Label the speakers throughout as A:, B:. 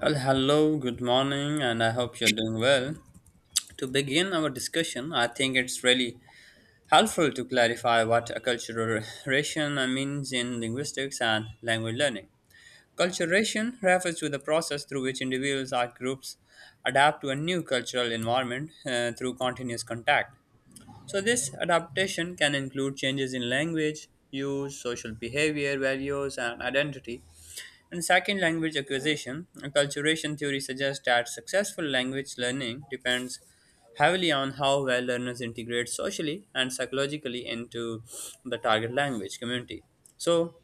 A: Well, hello, good morning, and I hope you're doing well. To begin our discussion, I think it's really helpful to clarify what acculturation means in linguistics and language learning. Acculturation refers to the process through which individuals or groups adapt to a new cultural environment through continuous contact. So, this adaptation can include changes in language, use, social behavior, values, and identity. In second language acquisition, acculturation theory suggests that successful language learning depends heavily on how well learners integrate socially and psychologically into the target language community. So,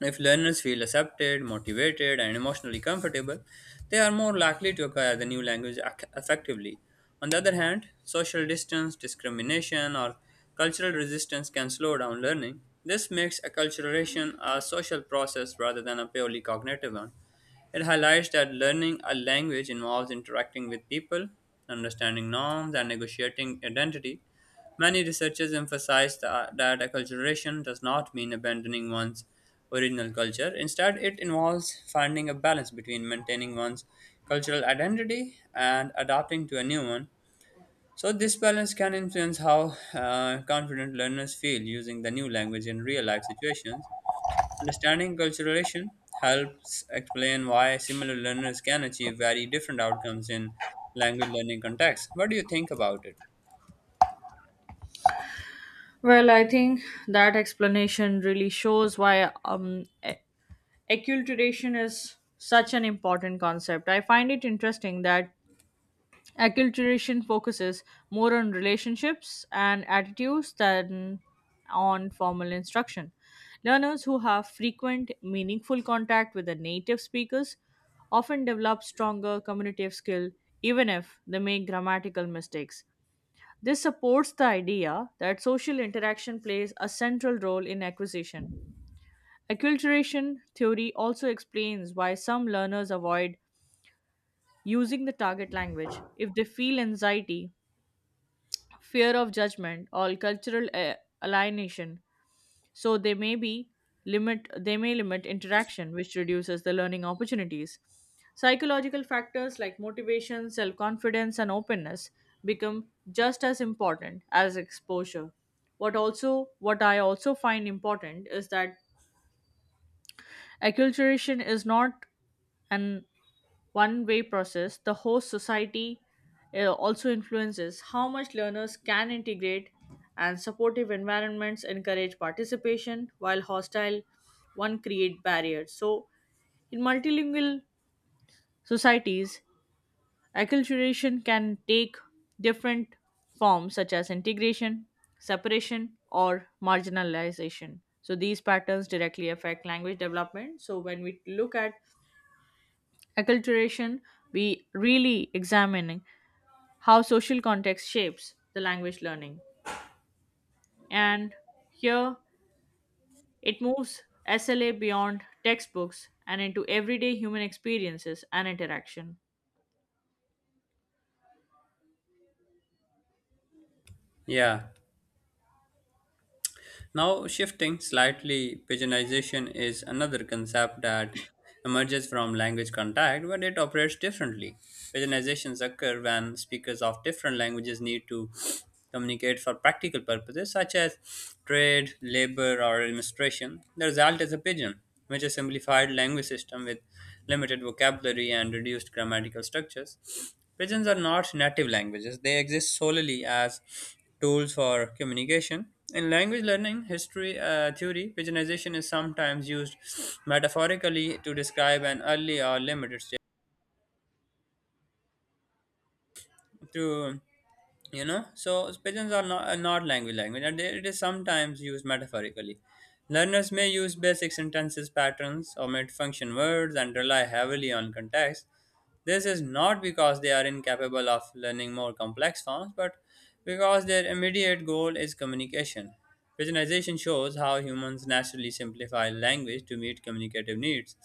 A: if learners feel accepted, motivated, and emotionally comfortable, they are more likely to acquire the new language effectively. On the other hand, social distance, discrimination, or cultural resistance can slow down learning. This makes acculturation a social process rather than a purely cognitive one. It highlights that learning a language involves interacting with people, understanding norms, and negotiating identity. Many researchers emphasize that acculturation does not mean abandoning one's original culture. Instead, it involves finding a balance between maintaining one's cultural identity and adapting to a new one. So, this balance can influence how confident learners feel using the new language in real life situations. Understanding acculturation helps explain why similar learners can achieve very different outcomes in language learning contexts. What do you think about it?
B: Well, I think that explanation really shows why acculturation is such an important concept. I find it interesting that acculturation focuses more on relationships and attitudes than on formal instruction. Learners who have frequent, meaningful contact with the native speakers often develop stronger communicative skill even if they make grammatical mistakes. This supports the idea that social interaction plays a central role in acquisition. Acculturation theory also explains why some learners avoid using the target language if they feel anxiety, fear of judgment, or cultural alienation. So they may limit interaction, which reduces the learning opportunities. Psychological factors like motivation, self confidence, and openness become just as important as exposure. What also what i also find important is that acculturation is not an one way process. The host society also influences how much learners can integrate, and supportive environments encourage participation, while hostile one create barriers. So, in multilingual societies, acculturation can take different forms such as integration, separation, or marginalization. So, these patterns directly affect language development. So, when we look at acculturation, we really examining how social context shapes the language learning. And here it moves SLA beyond textbooks and into everyday human experiences and interaction.
A: Yeah. Now, shifting slightly, pigeonization is another concept that emerges from language contact, but it operates differently. Pigeonizations occur when speakers of different languages need to communicate for practical purposes such as trade, labor, or administration. The result is a pigeon, which is a simplified language system with limited vocabulary and reduced grammatical structures. Pigeons are not native languages, they exist solely as tools for communication. In language learning, history theory, pigeonization is sometimes used metaphorically to describe an early or limited state. To so pigeons are not language, and it is sometimes used metaphorically. Learners may use basic sentences, patterns, omit function words, and rely heavily on context. This is not because they are incapable of learning more complex forms, but because their immediate goal is communication. Pigeonization shows how humans naturally simplify language to meet communicative needs.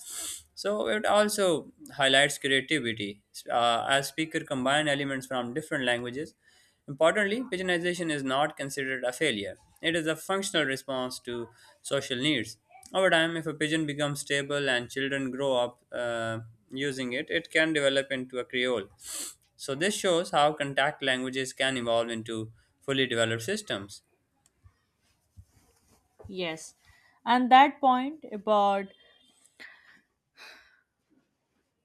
A: So it also highlights creativity as speakers combine elements from different languages. Importantly, pigeonization is not considered a failure. It is a functional response to social needs. Over time, if a pigeon becomes stable and children grow up using it, it can develop into a creole. So, this shows how contact languages can evolve into fully developed systems.
B: Yes. And that point about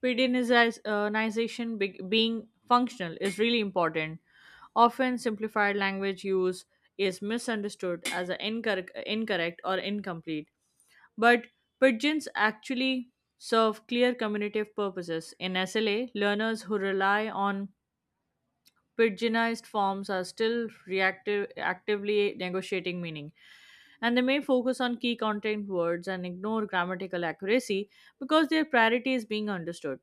B: pedinization being functional is really important. Often, simplified language use is misunderstood as a incorrect or incomplete, but pigeons actually serve clear communicative purposes. In SLA, learners who rely on pidginized forms are still reactive, actively negotiating meaning, and they may focus on key content words and ignore grammatical accuracy because their priority is being understood.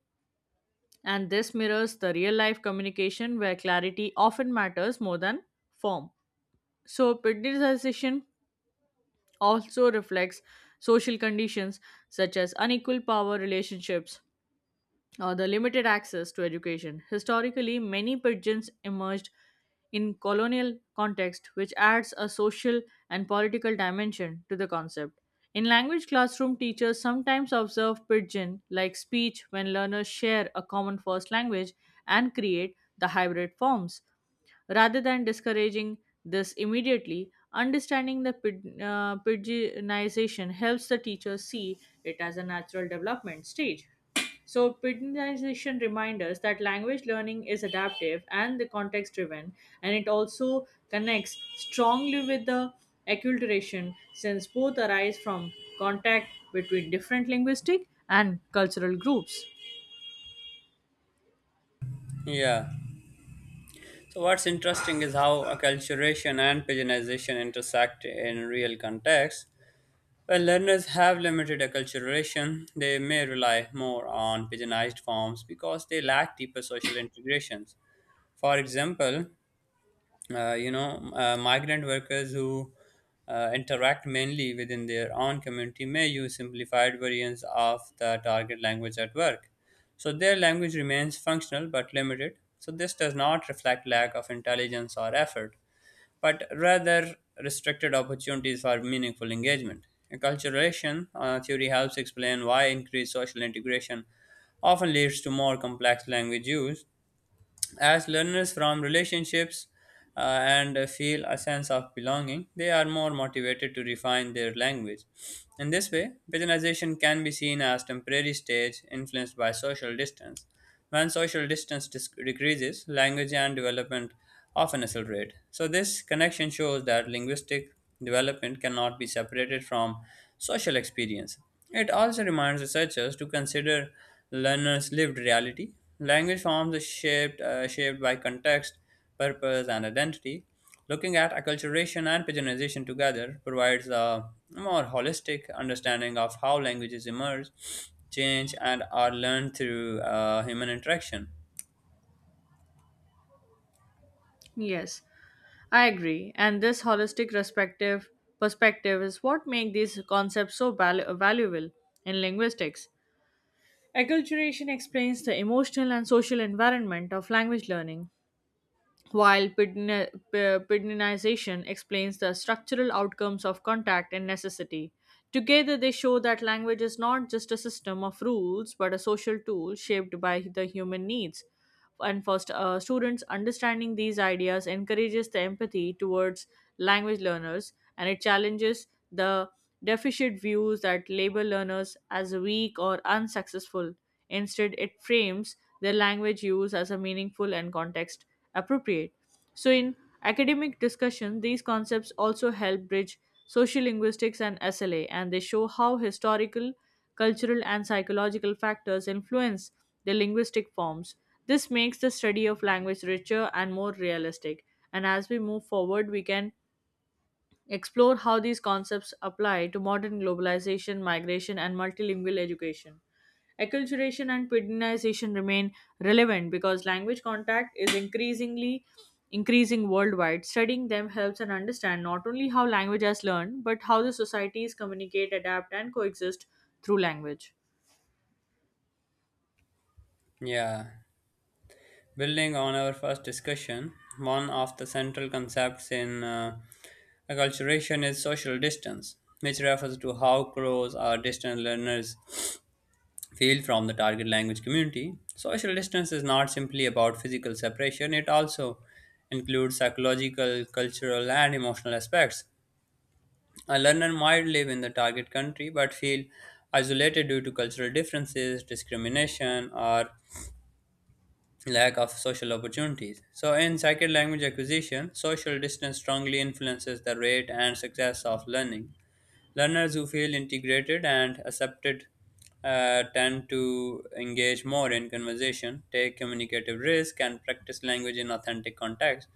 B: And this mirrors the real life communication where clarity often matters more than form. So, pidginization also reflects social conditions such as unequal power relationships, the limited access to education. Historically, many pigeons emerged in colonial context, which adds a social and political dimension to the concept. In language classroom, teachers sometimes observe pidgin like speech when learners share a common first language and create the hybrid forms. Rather than discouraging this immediately, understanding the pidginization helps the teacher see it as a natural development stage. So, pidginization reminds us that language learning is adaptive and the context driven, and it also connects strongly with the acculturation since both arise from contact between different linguistic and cultural groups.
A: Yeah. So, what's interesting is how acculturation and pigeonization intersect in real context. When learners have limited acculturation, they may rely more on pigeonized forms because they lack deeper social integrations. For example, migrant workers who interact mainly within their own community may use simplified variants of the target language at work. So their language remains functional but limited. So this does not reflect lack of intelligence or effort, but rather restricted opportunities for meaningful engagement. Acculturation theory helps explain why increased social integration often leads to more complex language use as learners from relationships and feel a sense of belonging, they are more motivated to refine their language. In this way, pigeonization can be seen as temporary stage influenced by social distance. When social distance decreases, language and development often accelerate. So, this connection shows that linguistic development cannot be separated from social experience. It also reminds researchers to consider learners' lived reality. Language forms are shaped by context, purpose, and identity. Looking at acculturation and pigeonization together provides a more holistic understanding of how languages emerge, change, and are learned through human interaction.
B: Yes, I agree, and this holistic perspective is what makes these concepts so valuable in linguistics. Acculturation explains the emotional and social environment of language learning, while pidginization explains the structural outcomes of contact and necessity. Together, they show that language is not just a system of rules but a social tool shaped by the human needs, and for students understanding these ideas encourages the empathy towards language learners, and it challenges the deficient views that label learners as weak or unsuccessful. Instead, it frames their language use as a meaningful and context appropriate. So in academic discussion, these concepts also help bridge sociolinguistics and SLA, and they show how historical, cultural, and psychological factors influence the linguistic forms. This makes the study of language richer and more realistic. And as we move forward, we can explore how these concepts apply to modern globalization, migration, and multilingual education. Acculturation and pedinization remain relevant because language contact is increasing worldwide. Studying them helps and understand not only how language has learned, but how the societies communicate, adapt, and coexist through language.
A: Yeah. Building on our first discussion, one of the central concepts in acculturation is social distance, which refers to how crows or distant learners feel from the target language community. Social distance is not simply about physical separation, it also includes psychological, cultural, and emotional aspects. A learner might live in the target country but feel isolated due to cultural differences, discrimination, or lack of social opportunities. So, in second language acquisition, social distance strongly influences the rate and success of learning. Learners who feel integrated and accepted tend to engage more in conversation, take communicative risk, and practice language in authentic context.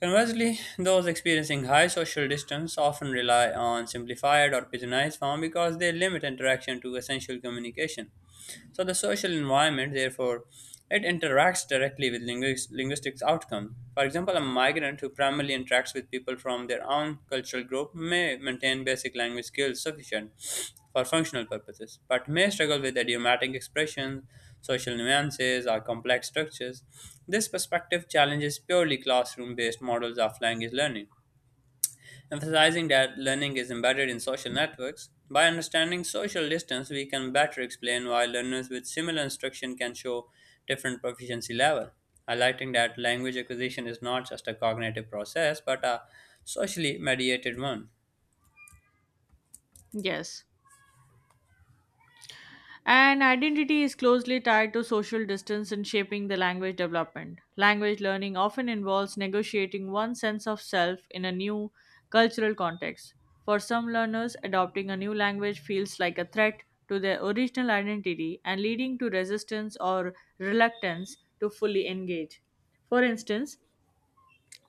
A: Conversely, those experiencing high social distance often rely on simplified or pigeonized form because they limit interaction to essential communication. So the social environment, therefore, it interacts directly with linguistics outcome. For example, a migrant who primarily interacts with people from their own cultural group may maintain basic language skills sufficient for functional purposes, but may struggle with idiomatic expressions, social nuances, or complex structures. This perspective challenges purely classroom-based models of language learning emphasizing that learning is embedded in social networks. By understanding social distance, we can better explain why learners with similar instruction can show different proficiency level, highlighting that language acquisition is not just a cognitive process but a socially mediated one.
B: Yes. And identity is closely tied to social distance in shaping the language development. Language learning often involves negotiating one's sense of self in a new cultural context. For some learners, adopting a new language feels like a threat to their original identity and leading to resistance or reluctance to fully engage. For instance,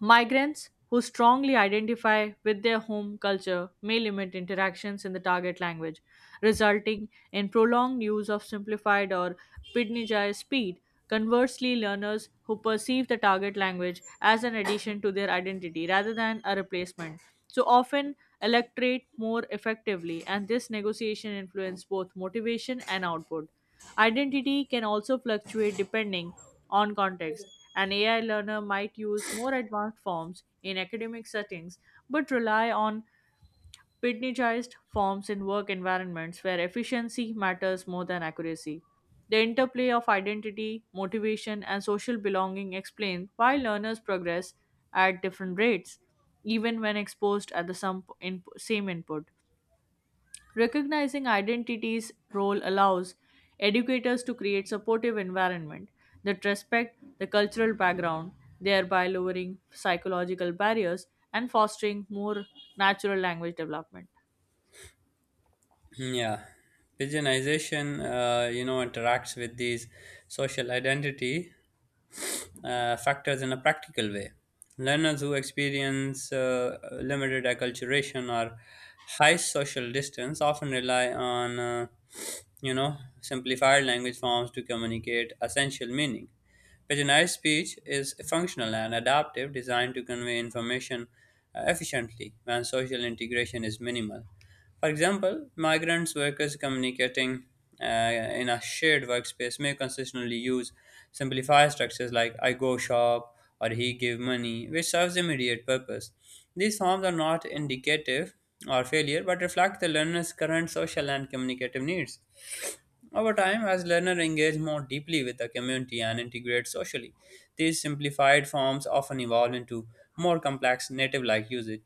B: migrants who strongly identify with their home culture may limit interactions in the target language, resulting in prolonged use of simplified or pidginized speed. Conversely, learners who perceive the target language as an addition to their identity rather than a replacement, so often electorate more effectively, and this negotiation influences both motivation and output. Identity can also fluctuate depending on context. An AI learner might use more advanced forms in academic settings but rely on pidginized forms in work environments where efficiency matters more than accuracy. The interplay of identity, motivation, and social belonging explain why learners progress at different rates, even when exposed at the same input. Recognizing identity's role allows educators to create supportive environment that respect the cultural background, thereby lowering psychological barriers and fostering more natural language development.
A: Hmm. Yeah, pigeonization, interacts with these social identity factors in a practical way. Learners who experience limited acculturation or high social distance often rely on, simplified language forms to communicate essential meaning. Paginized speech is functional and adaptive, designed to convey information efficiently when social integration is minimal. For example, migrants workers communicating in a shared workspace may consistently use simplified structures like I go shop or he give money, which serves immediate purpose. These forms are not indicative or failure but reflect the learner's current social and communicative needs. Over time, as learners engage more deeply with the community and integrate socially, these simplified forms often evolve into more complex native like usage.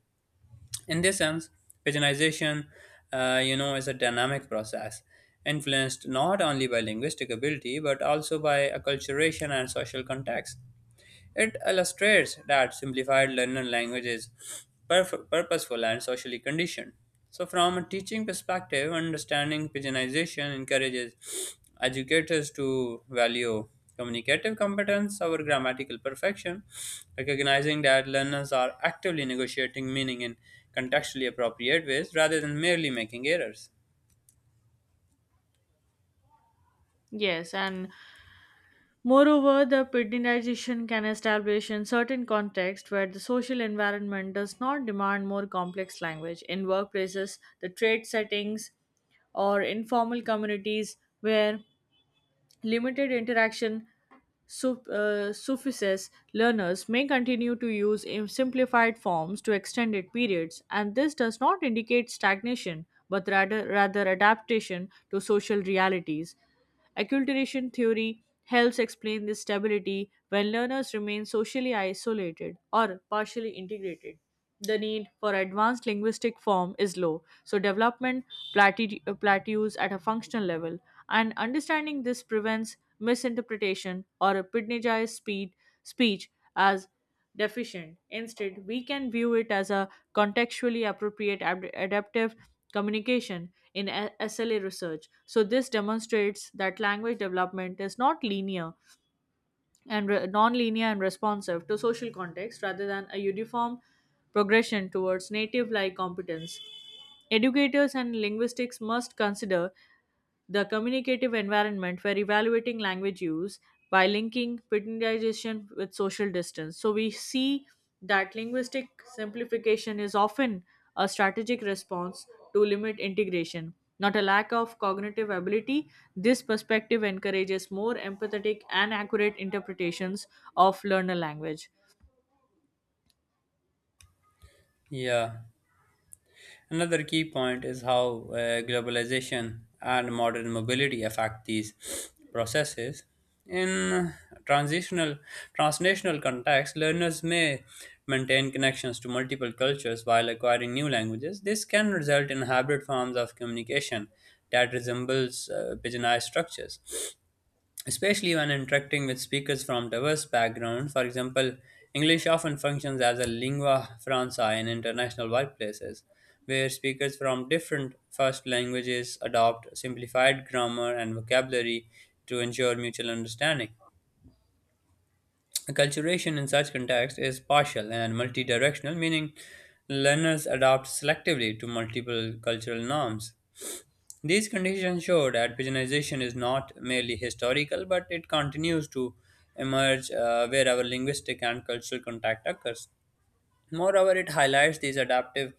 A: In this sense, paginization, is a dynamic process influenced not only by linguistic ability but also by acculturation and social context. It illustrates that simplified learner language is purposeful and socially conditioned. So, from a teaching perspective, understanding pigeonization encourages educators to value communicative competence over grammatical perfection, recognizing that learners are actively negotiating meaning in contextually appropriate ways rather than merely making errors.
B: Yes, and moreover, the pedinization can establish in certain contexts where the social environment does not demand more complex language. In workplaces, the trade settings, or informal communities where limited interaction suffices, learners may continue to use simplified forms to extended periods, and this does not indicate stagnation but rather adaptation to social realities. Acculturation theory helps explain this stability when learners remain socially isolated or partially integrated. The need for advanced linguistic form is low, so development plateaus at a functional level, and understanding this prevents misinterpretation or a pitnejai speed speech as deficient. Instead, we can view it as a contextually appropriate adaptive communication in SLA research. So this demonstrates that language development is not linear and non-linear and responsive to social context rather than a uniform progression towards native like competence. Educators and linguistics must consider the communicative environment where evaluating language use by linking paternalization with social distance. So we see that linguistic simplification is often a strategic response to limit integration, not a lack of cognitive ability. This perspective encourages more empathetic and accurate interpretations of learner language.
A: Yeah. Another key point is how globalization and modern mobility affect these processes. In transitional transnational context, learners may maintain connections to multiple cultures while acquiring new languages. This can result in hybrid forms of communication that resembles pigeonized structures especially when interacting with speakers from diverse backgrounds. For example, English often functions as a lingua franca in international workplaces, where speakers from different first languages adopt simplified grammar and vocabulary to ensure mutual understanding. Acculturation in such contexts is partial and multidirectional, meaning learners adapt selectively to multiple cultural norms. These conditions show that pigeonization is not merely historical, but it continues to emerge wherever linguistic and cultural contact occurs. Moreover, it highlights this adaptive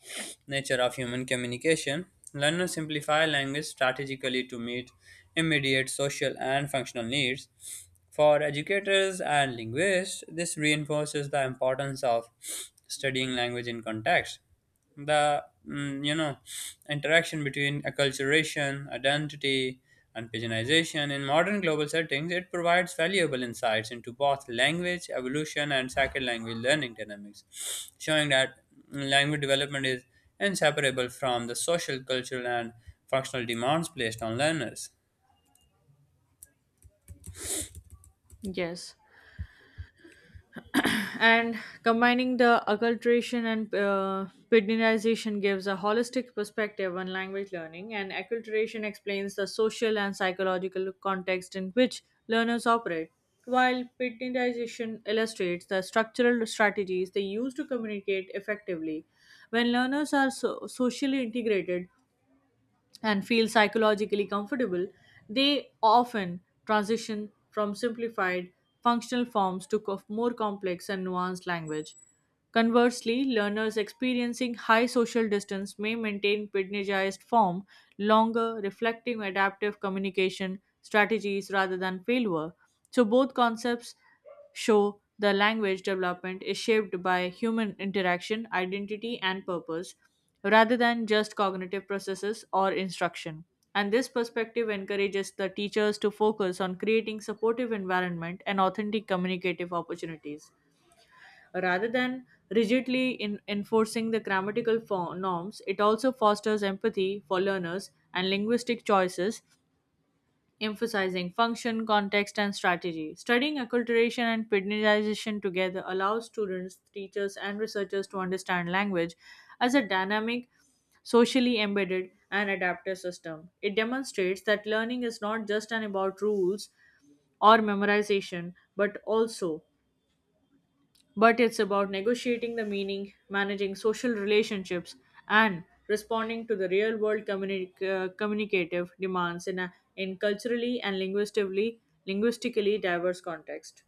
A: nature of human communication. Learners simplify language strategically to meet immediate social and functional needs. For educators and linguists, this reinforces the importance of studying language in context, the interaction between acculturation, identity, and pigeonization in modern global settings. It provides valuable insights into both language evolution and second language learning dynamics, showing that language development is inseparable from the social, cultural, and functional demands placed on learners.
B: Yes. And combining the acculturation and pedinization gives a holistic perspective on language learning, and acculturation explains the social and psychological context in which learners operate, while pedinization illustrates the structural strategies they use to communicate effectively. When learners are socially integrated and feel psychologically comfortable, they often transition from simplified functional forms to more complex and nuanced language. Conversely, learners experiencing high social distance may maintain pedagogized form longer, reflecting adaptive communication strategies rather than failure. So both concepts show the language development is shaped by human interaction, identity, and purpose rather than just cognitive processes or instruction. And this perspective encourages the teachers to focus on creating supportive environment and authentic communicative opportunities. Rather than rigidly in enforcing the grammatical norms, it also fosters empathy for learners and linguistic choices, emphasizing function, context, and strategy. Studying acculturation and pidginization together allows students, teachers, and researchers to understand language as a dynamic, socially embedded, and adaptive system. It demonstrates that learning is not just an about rules or memorization, but also but it's about negotiating the meaning, managing social relationships, and responding to the real world communicative demands in, a, in culturally and linguistically diverse context.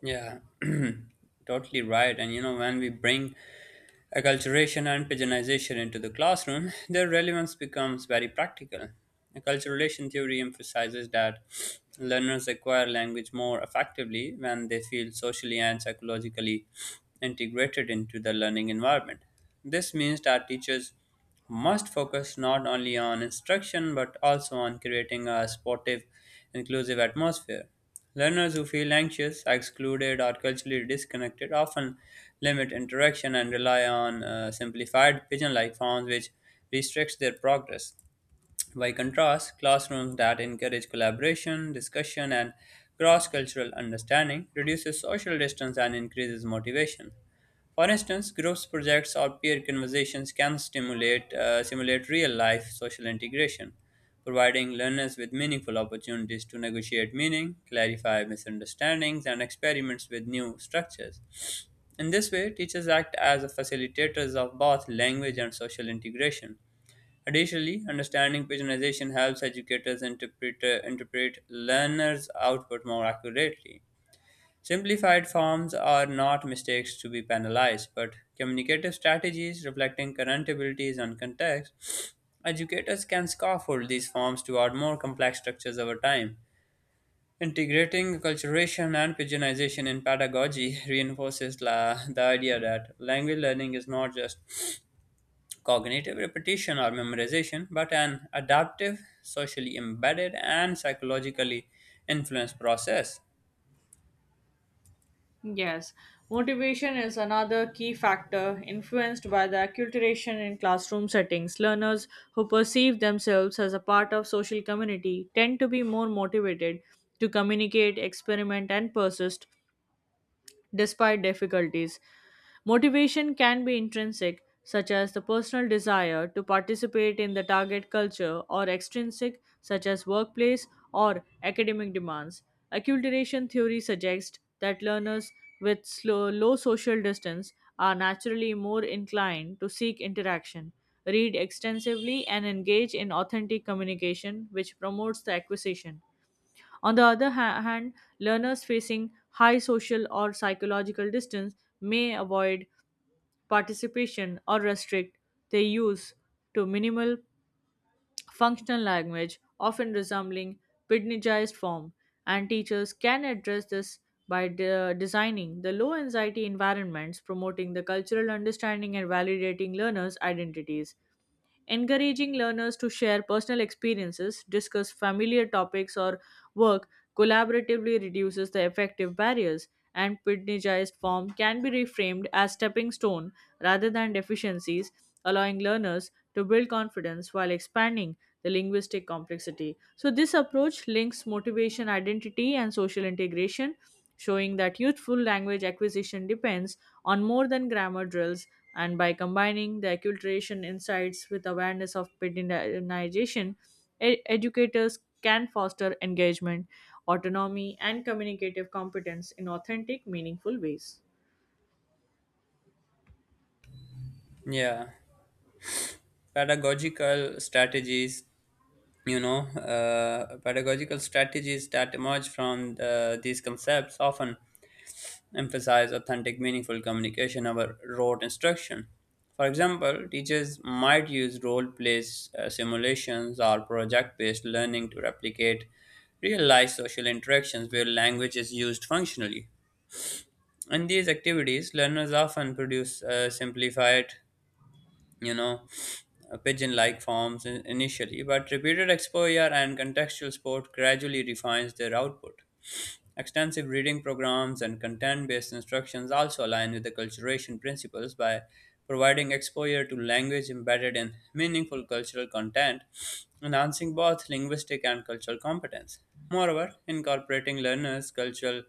A: Yeah. Totally right, and you know when we bring acculturation and pigeonization into the classroom, their relevance becomes very practical. Acculturation theory emphasizes that learners acquire language more effectively when they feel socially and psychologically integrated into the learning environment. This means that teachers must focus not only on instruction but also on creating a supportive, inclusive atmosphere. Learners who feel anxious, excluded, or culturally disconnected often limit interaction and rely on simplified pigeon like forms which restricts their progress. By contrast, classrooms that encourage collaboration, discussion, and cross-cultural understanding reduces social distance and increases motivation. For instance, groups projects or peer conversations can stimulate simulate real-life social integration, providing learners with meaningful opportunities to negotiate meaning, clarify misunderstandings, and experiments with new structures. In this way, teachers act as facilitators of both language and social integration. Additionally, understanding pagination helps educators interpret learners' output more accurately. Simplified forms are not mistakes to be penalized, but communicative strategies reflecting current abilities and context. Educators can scaffold these forms toward more complex structures over time. Integrating acculturation and pagination in pedagogy reinforces the idea that language learning is not just cognitive repetition or memorization, but an adaptive, socially embedded, and psychologically influenced process.
B: Yes, motivation is another key factor influenced by the acculturation in classroom settings. Learners who perceive themselves as a part of social community tend to be more motivated to communicate, experiment, and persist despite difficulties. Motivation can be intrinsic, such as the personal desire to participate in the target culture, or extrinsic, such as workplace or academic demands. Acculturation theory suggests that learners with low social distance are naturally more inclined to seek interaction, read extensively, and engage in authentic communication, which promotes the acquisition. On the other hand, learners facing high social or psychological distance may avoid participation or restrict their use to minimal functional language, often resembling pidginized form, and teachers can address this by designing the low anxiety environments, promoting the cultural understanding and validating learners' identities. Encouraging learners to share personal experiences, discuss familiar topics, or work collaboratively reduces the effective barriers, and pidginized form can be reframed as stepping stone rather than deficiencies, allowing learners to build confidence while expanding the linguistic complexity. So, this approach links motivation, identity, and social integration, showing that youthful language acquisition depends on more than grammar drills. And by combining the acculturation insights with awareness of pedinization, educators can foster engagement, autonomy, and communicative competence in authentic, meaningful ways.
A: Yeah, pedagogical strategies, pedagogical strategies that emerge from these concepts often emphasize authentic, meaningful communication over rote instruction. For example, teachers might use role play simulations, or project based learning to replicate real life social interactions where language is used functionally. In these activities, learners often produce you know, pigeon like forms initially, but repeated exposure and contextual support gradually refines their output. Extensive reading programs and content based instructions also align with acculturation principles by providing exposure to language embedded in meaningful cultural content, enhancing both linguistic and cultural competence. Moreover, incorporating learners' cultural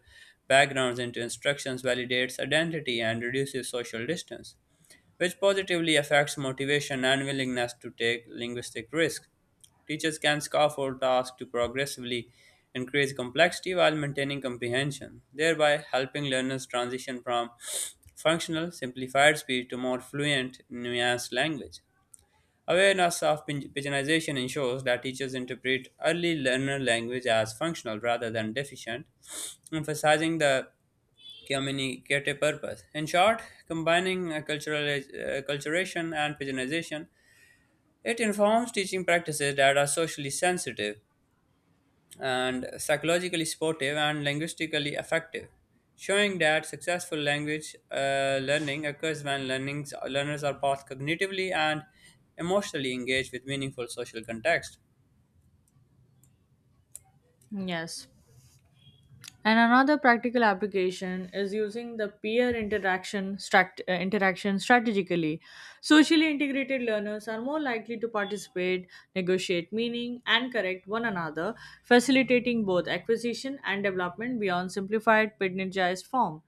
A: backgrounds into instructions validates identity and reduces social distance which positively affects motivation and willingness to take linguistic risks. Teachers can scaffold tasks to progressively increase complexity while maintaining comprehension, thereby helping learners transition from functional, simplified speech to more fluent, nuanced language. Awareness of pigeonization ensures that teachers interpret early learner language as functional rather than deficient, emphasizing the communicative purpose. In short, combining cultural acculturation and pigeonization, it informs teaching practices that are socially sensitive, and psychologically supportive and linguistically effective, showing that successful language learning occurs when learners are both cognitively and emotionally engaged with meaningful social context.
B: Yes. And another practical application is using the peer interaction strategically. Socially integrated learners are more likely to participate, negotiate meaning, and correct one another, facilitating both acquisition and development beyond simplified pedagogized form.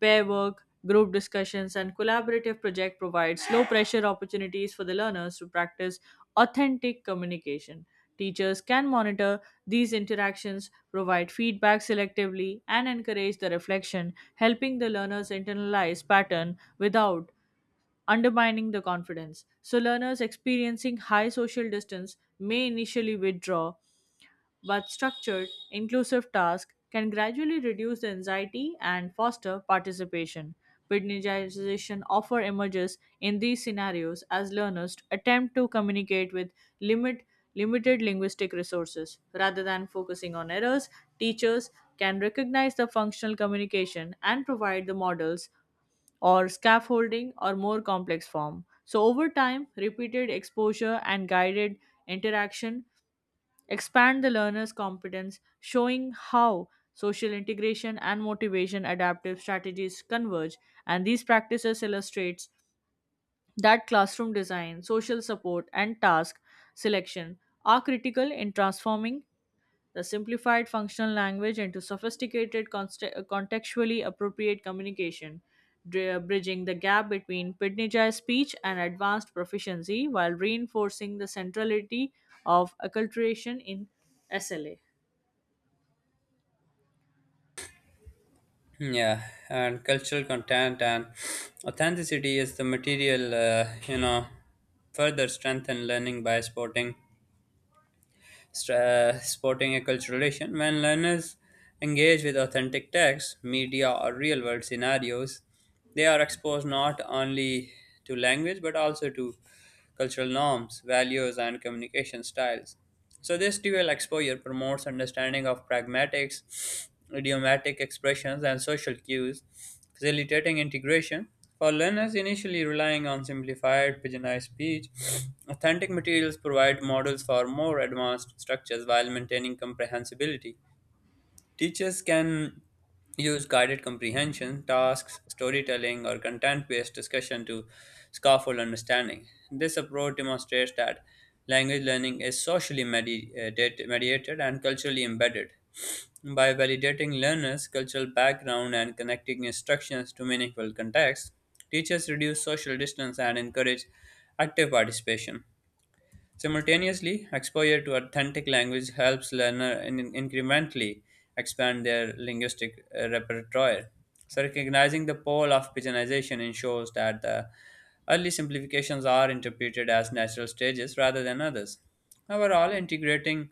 B: Pair work, group discussions, and collaborative project provides low pressure opportunities for the learners to practice authentic communication. Teachers can monitor these interactions, provide feedback selectively, and encourage the reflection, helping the learners internalize pattern without undermining the confidence. So learners experiencing high social distance may initially withdraw, but structured, inclusive tasks can gradually reduce the anxiety and foster participation. Pitneyization often emerges in these scenarios as learners attempt to communicate with limit, limited linguistic resources. Rather than focusing on errors, teachers can recognize the functional communication and provide the models or scaffolding or more complex form. So, over time, repeated exposure and guided interaction expand the learner's competence, showing how social integration and motivation adaptive strategies converge. And these practices illustrates that classroom design, social support, and task selection are critical in transforming the simplified functional language into sophisticated, contextually appropriate communication, bridging the gap between pitnijai speech and advanced proficiency while reinforcing the centrality of acculturation in SLA.
A: Hmm. Yeah, and cultural content and authenticity is the material, further strengthen learning by supporting sporting a cultural relation. When learners engage with authentic text, media, or real world scenarios, they are exposed not only to language but also to cultural norms, values, and communication styles. So, this dual exposure promotes understanding of pragmatics, idiomatic expressions, and social cues, facilitating integration. For learners initially relying on simplified, pigeonized speech, authentic materials provide models for more advanced structures while maintaining comprehensibility. Teachers can use guided comprehension, tasks, storytelling, or content based discussion to scaffold understanding. This approach demonstrates that language learning is mediated and culturally embedded. By validating learners' cultural background and connecting instructions to meaningful context, teachers reduce social distance and encourage active participation. Simultaneously, exposure to authentic language helps learner incrementally expand their linguistic repertoire. So, recognizing the pole of pidginization ensures that the early simplifications are interpreted as natural stages rather than others. Overall, integrating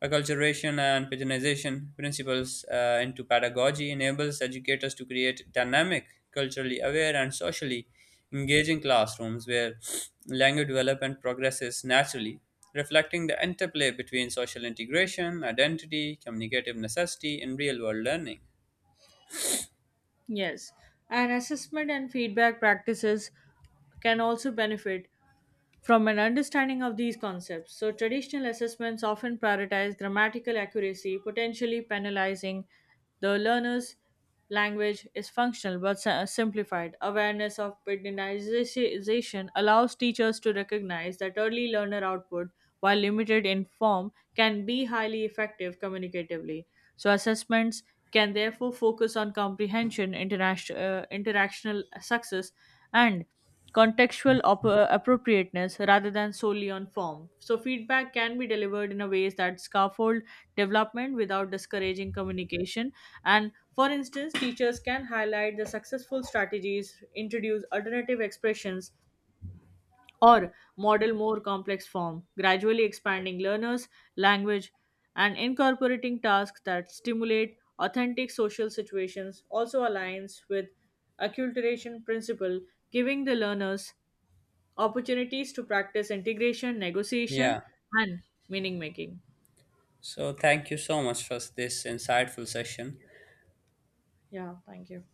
A: acculturation and patronization principles into pedagogy enables educators to create dynamic, culturally aware, and socially engaging classrooms where language development progresses naturally, reflecting the interplay between social integration, identity, communicative necessity, and real world learning.
B: Yes, and assessment and feedback practices can also benefit from an understanding of these concepts. So, traditional assessments often prioritize grammatical accuracy, potentially penalizing the learner's language is functional but simplified. Awareness of pedantization allows teachers to recognize that early learner output, while limited in form, can be highly effective communicatively. So, assessments can therefore focus on comprehension, interactional success, and contextual appropriateness rather than solely on form. So feedback can be delivered in a ways that scaffold development without discouraging communication. And for instance, teachers can highlight the successful strategies, introduce alternative expressions, or model more complex form, gradually expanding learners' language, and incorporating tasks that stimulate authentic social situations also aligns with acculturation principle, giving the learners opportunities to practice integration, negotiation,
A: Yeah.
B: and meaning making.
A: So, thank you so much for this insightful session.
B: Yeah, thank you.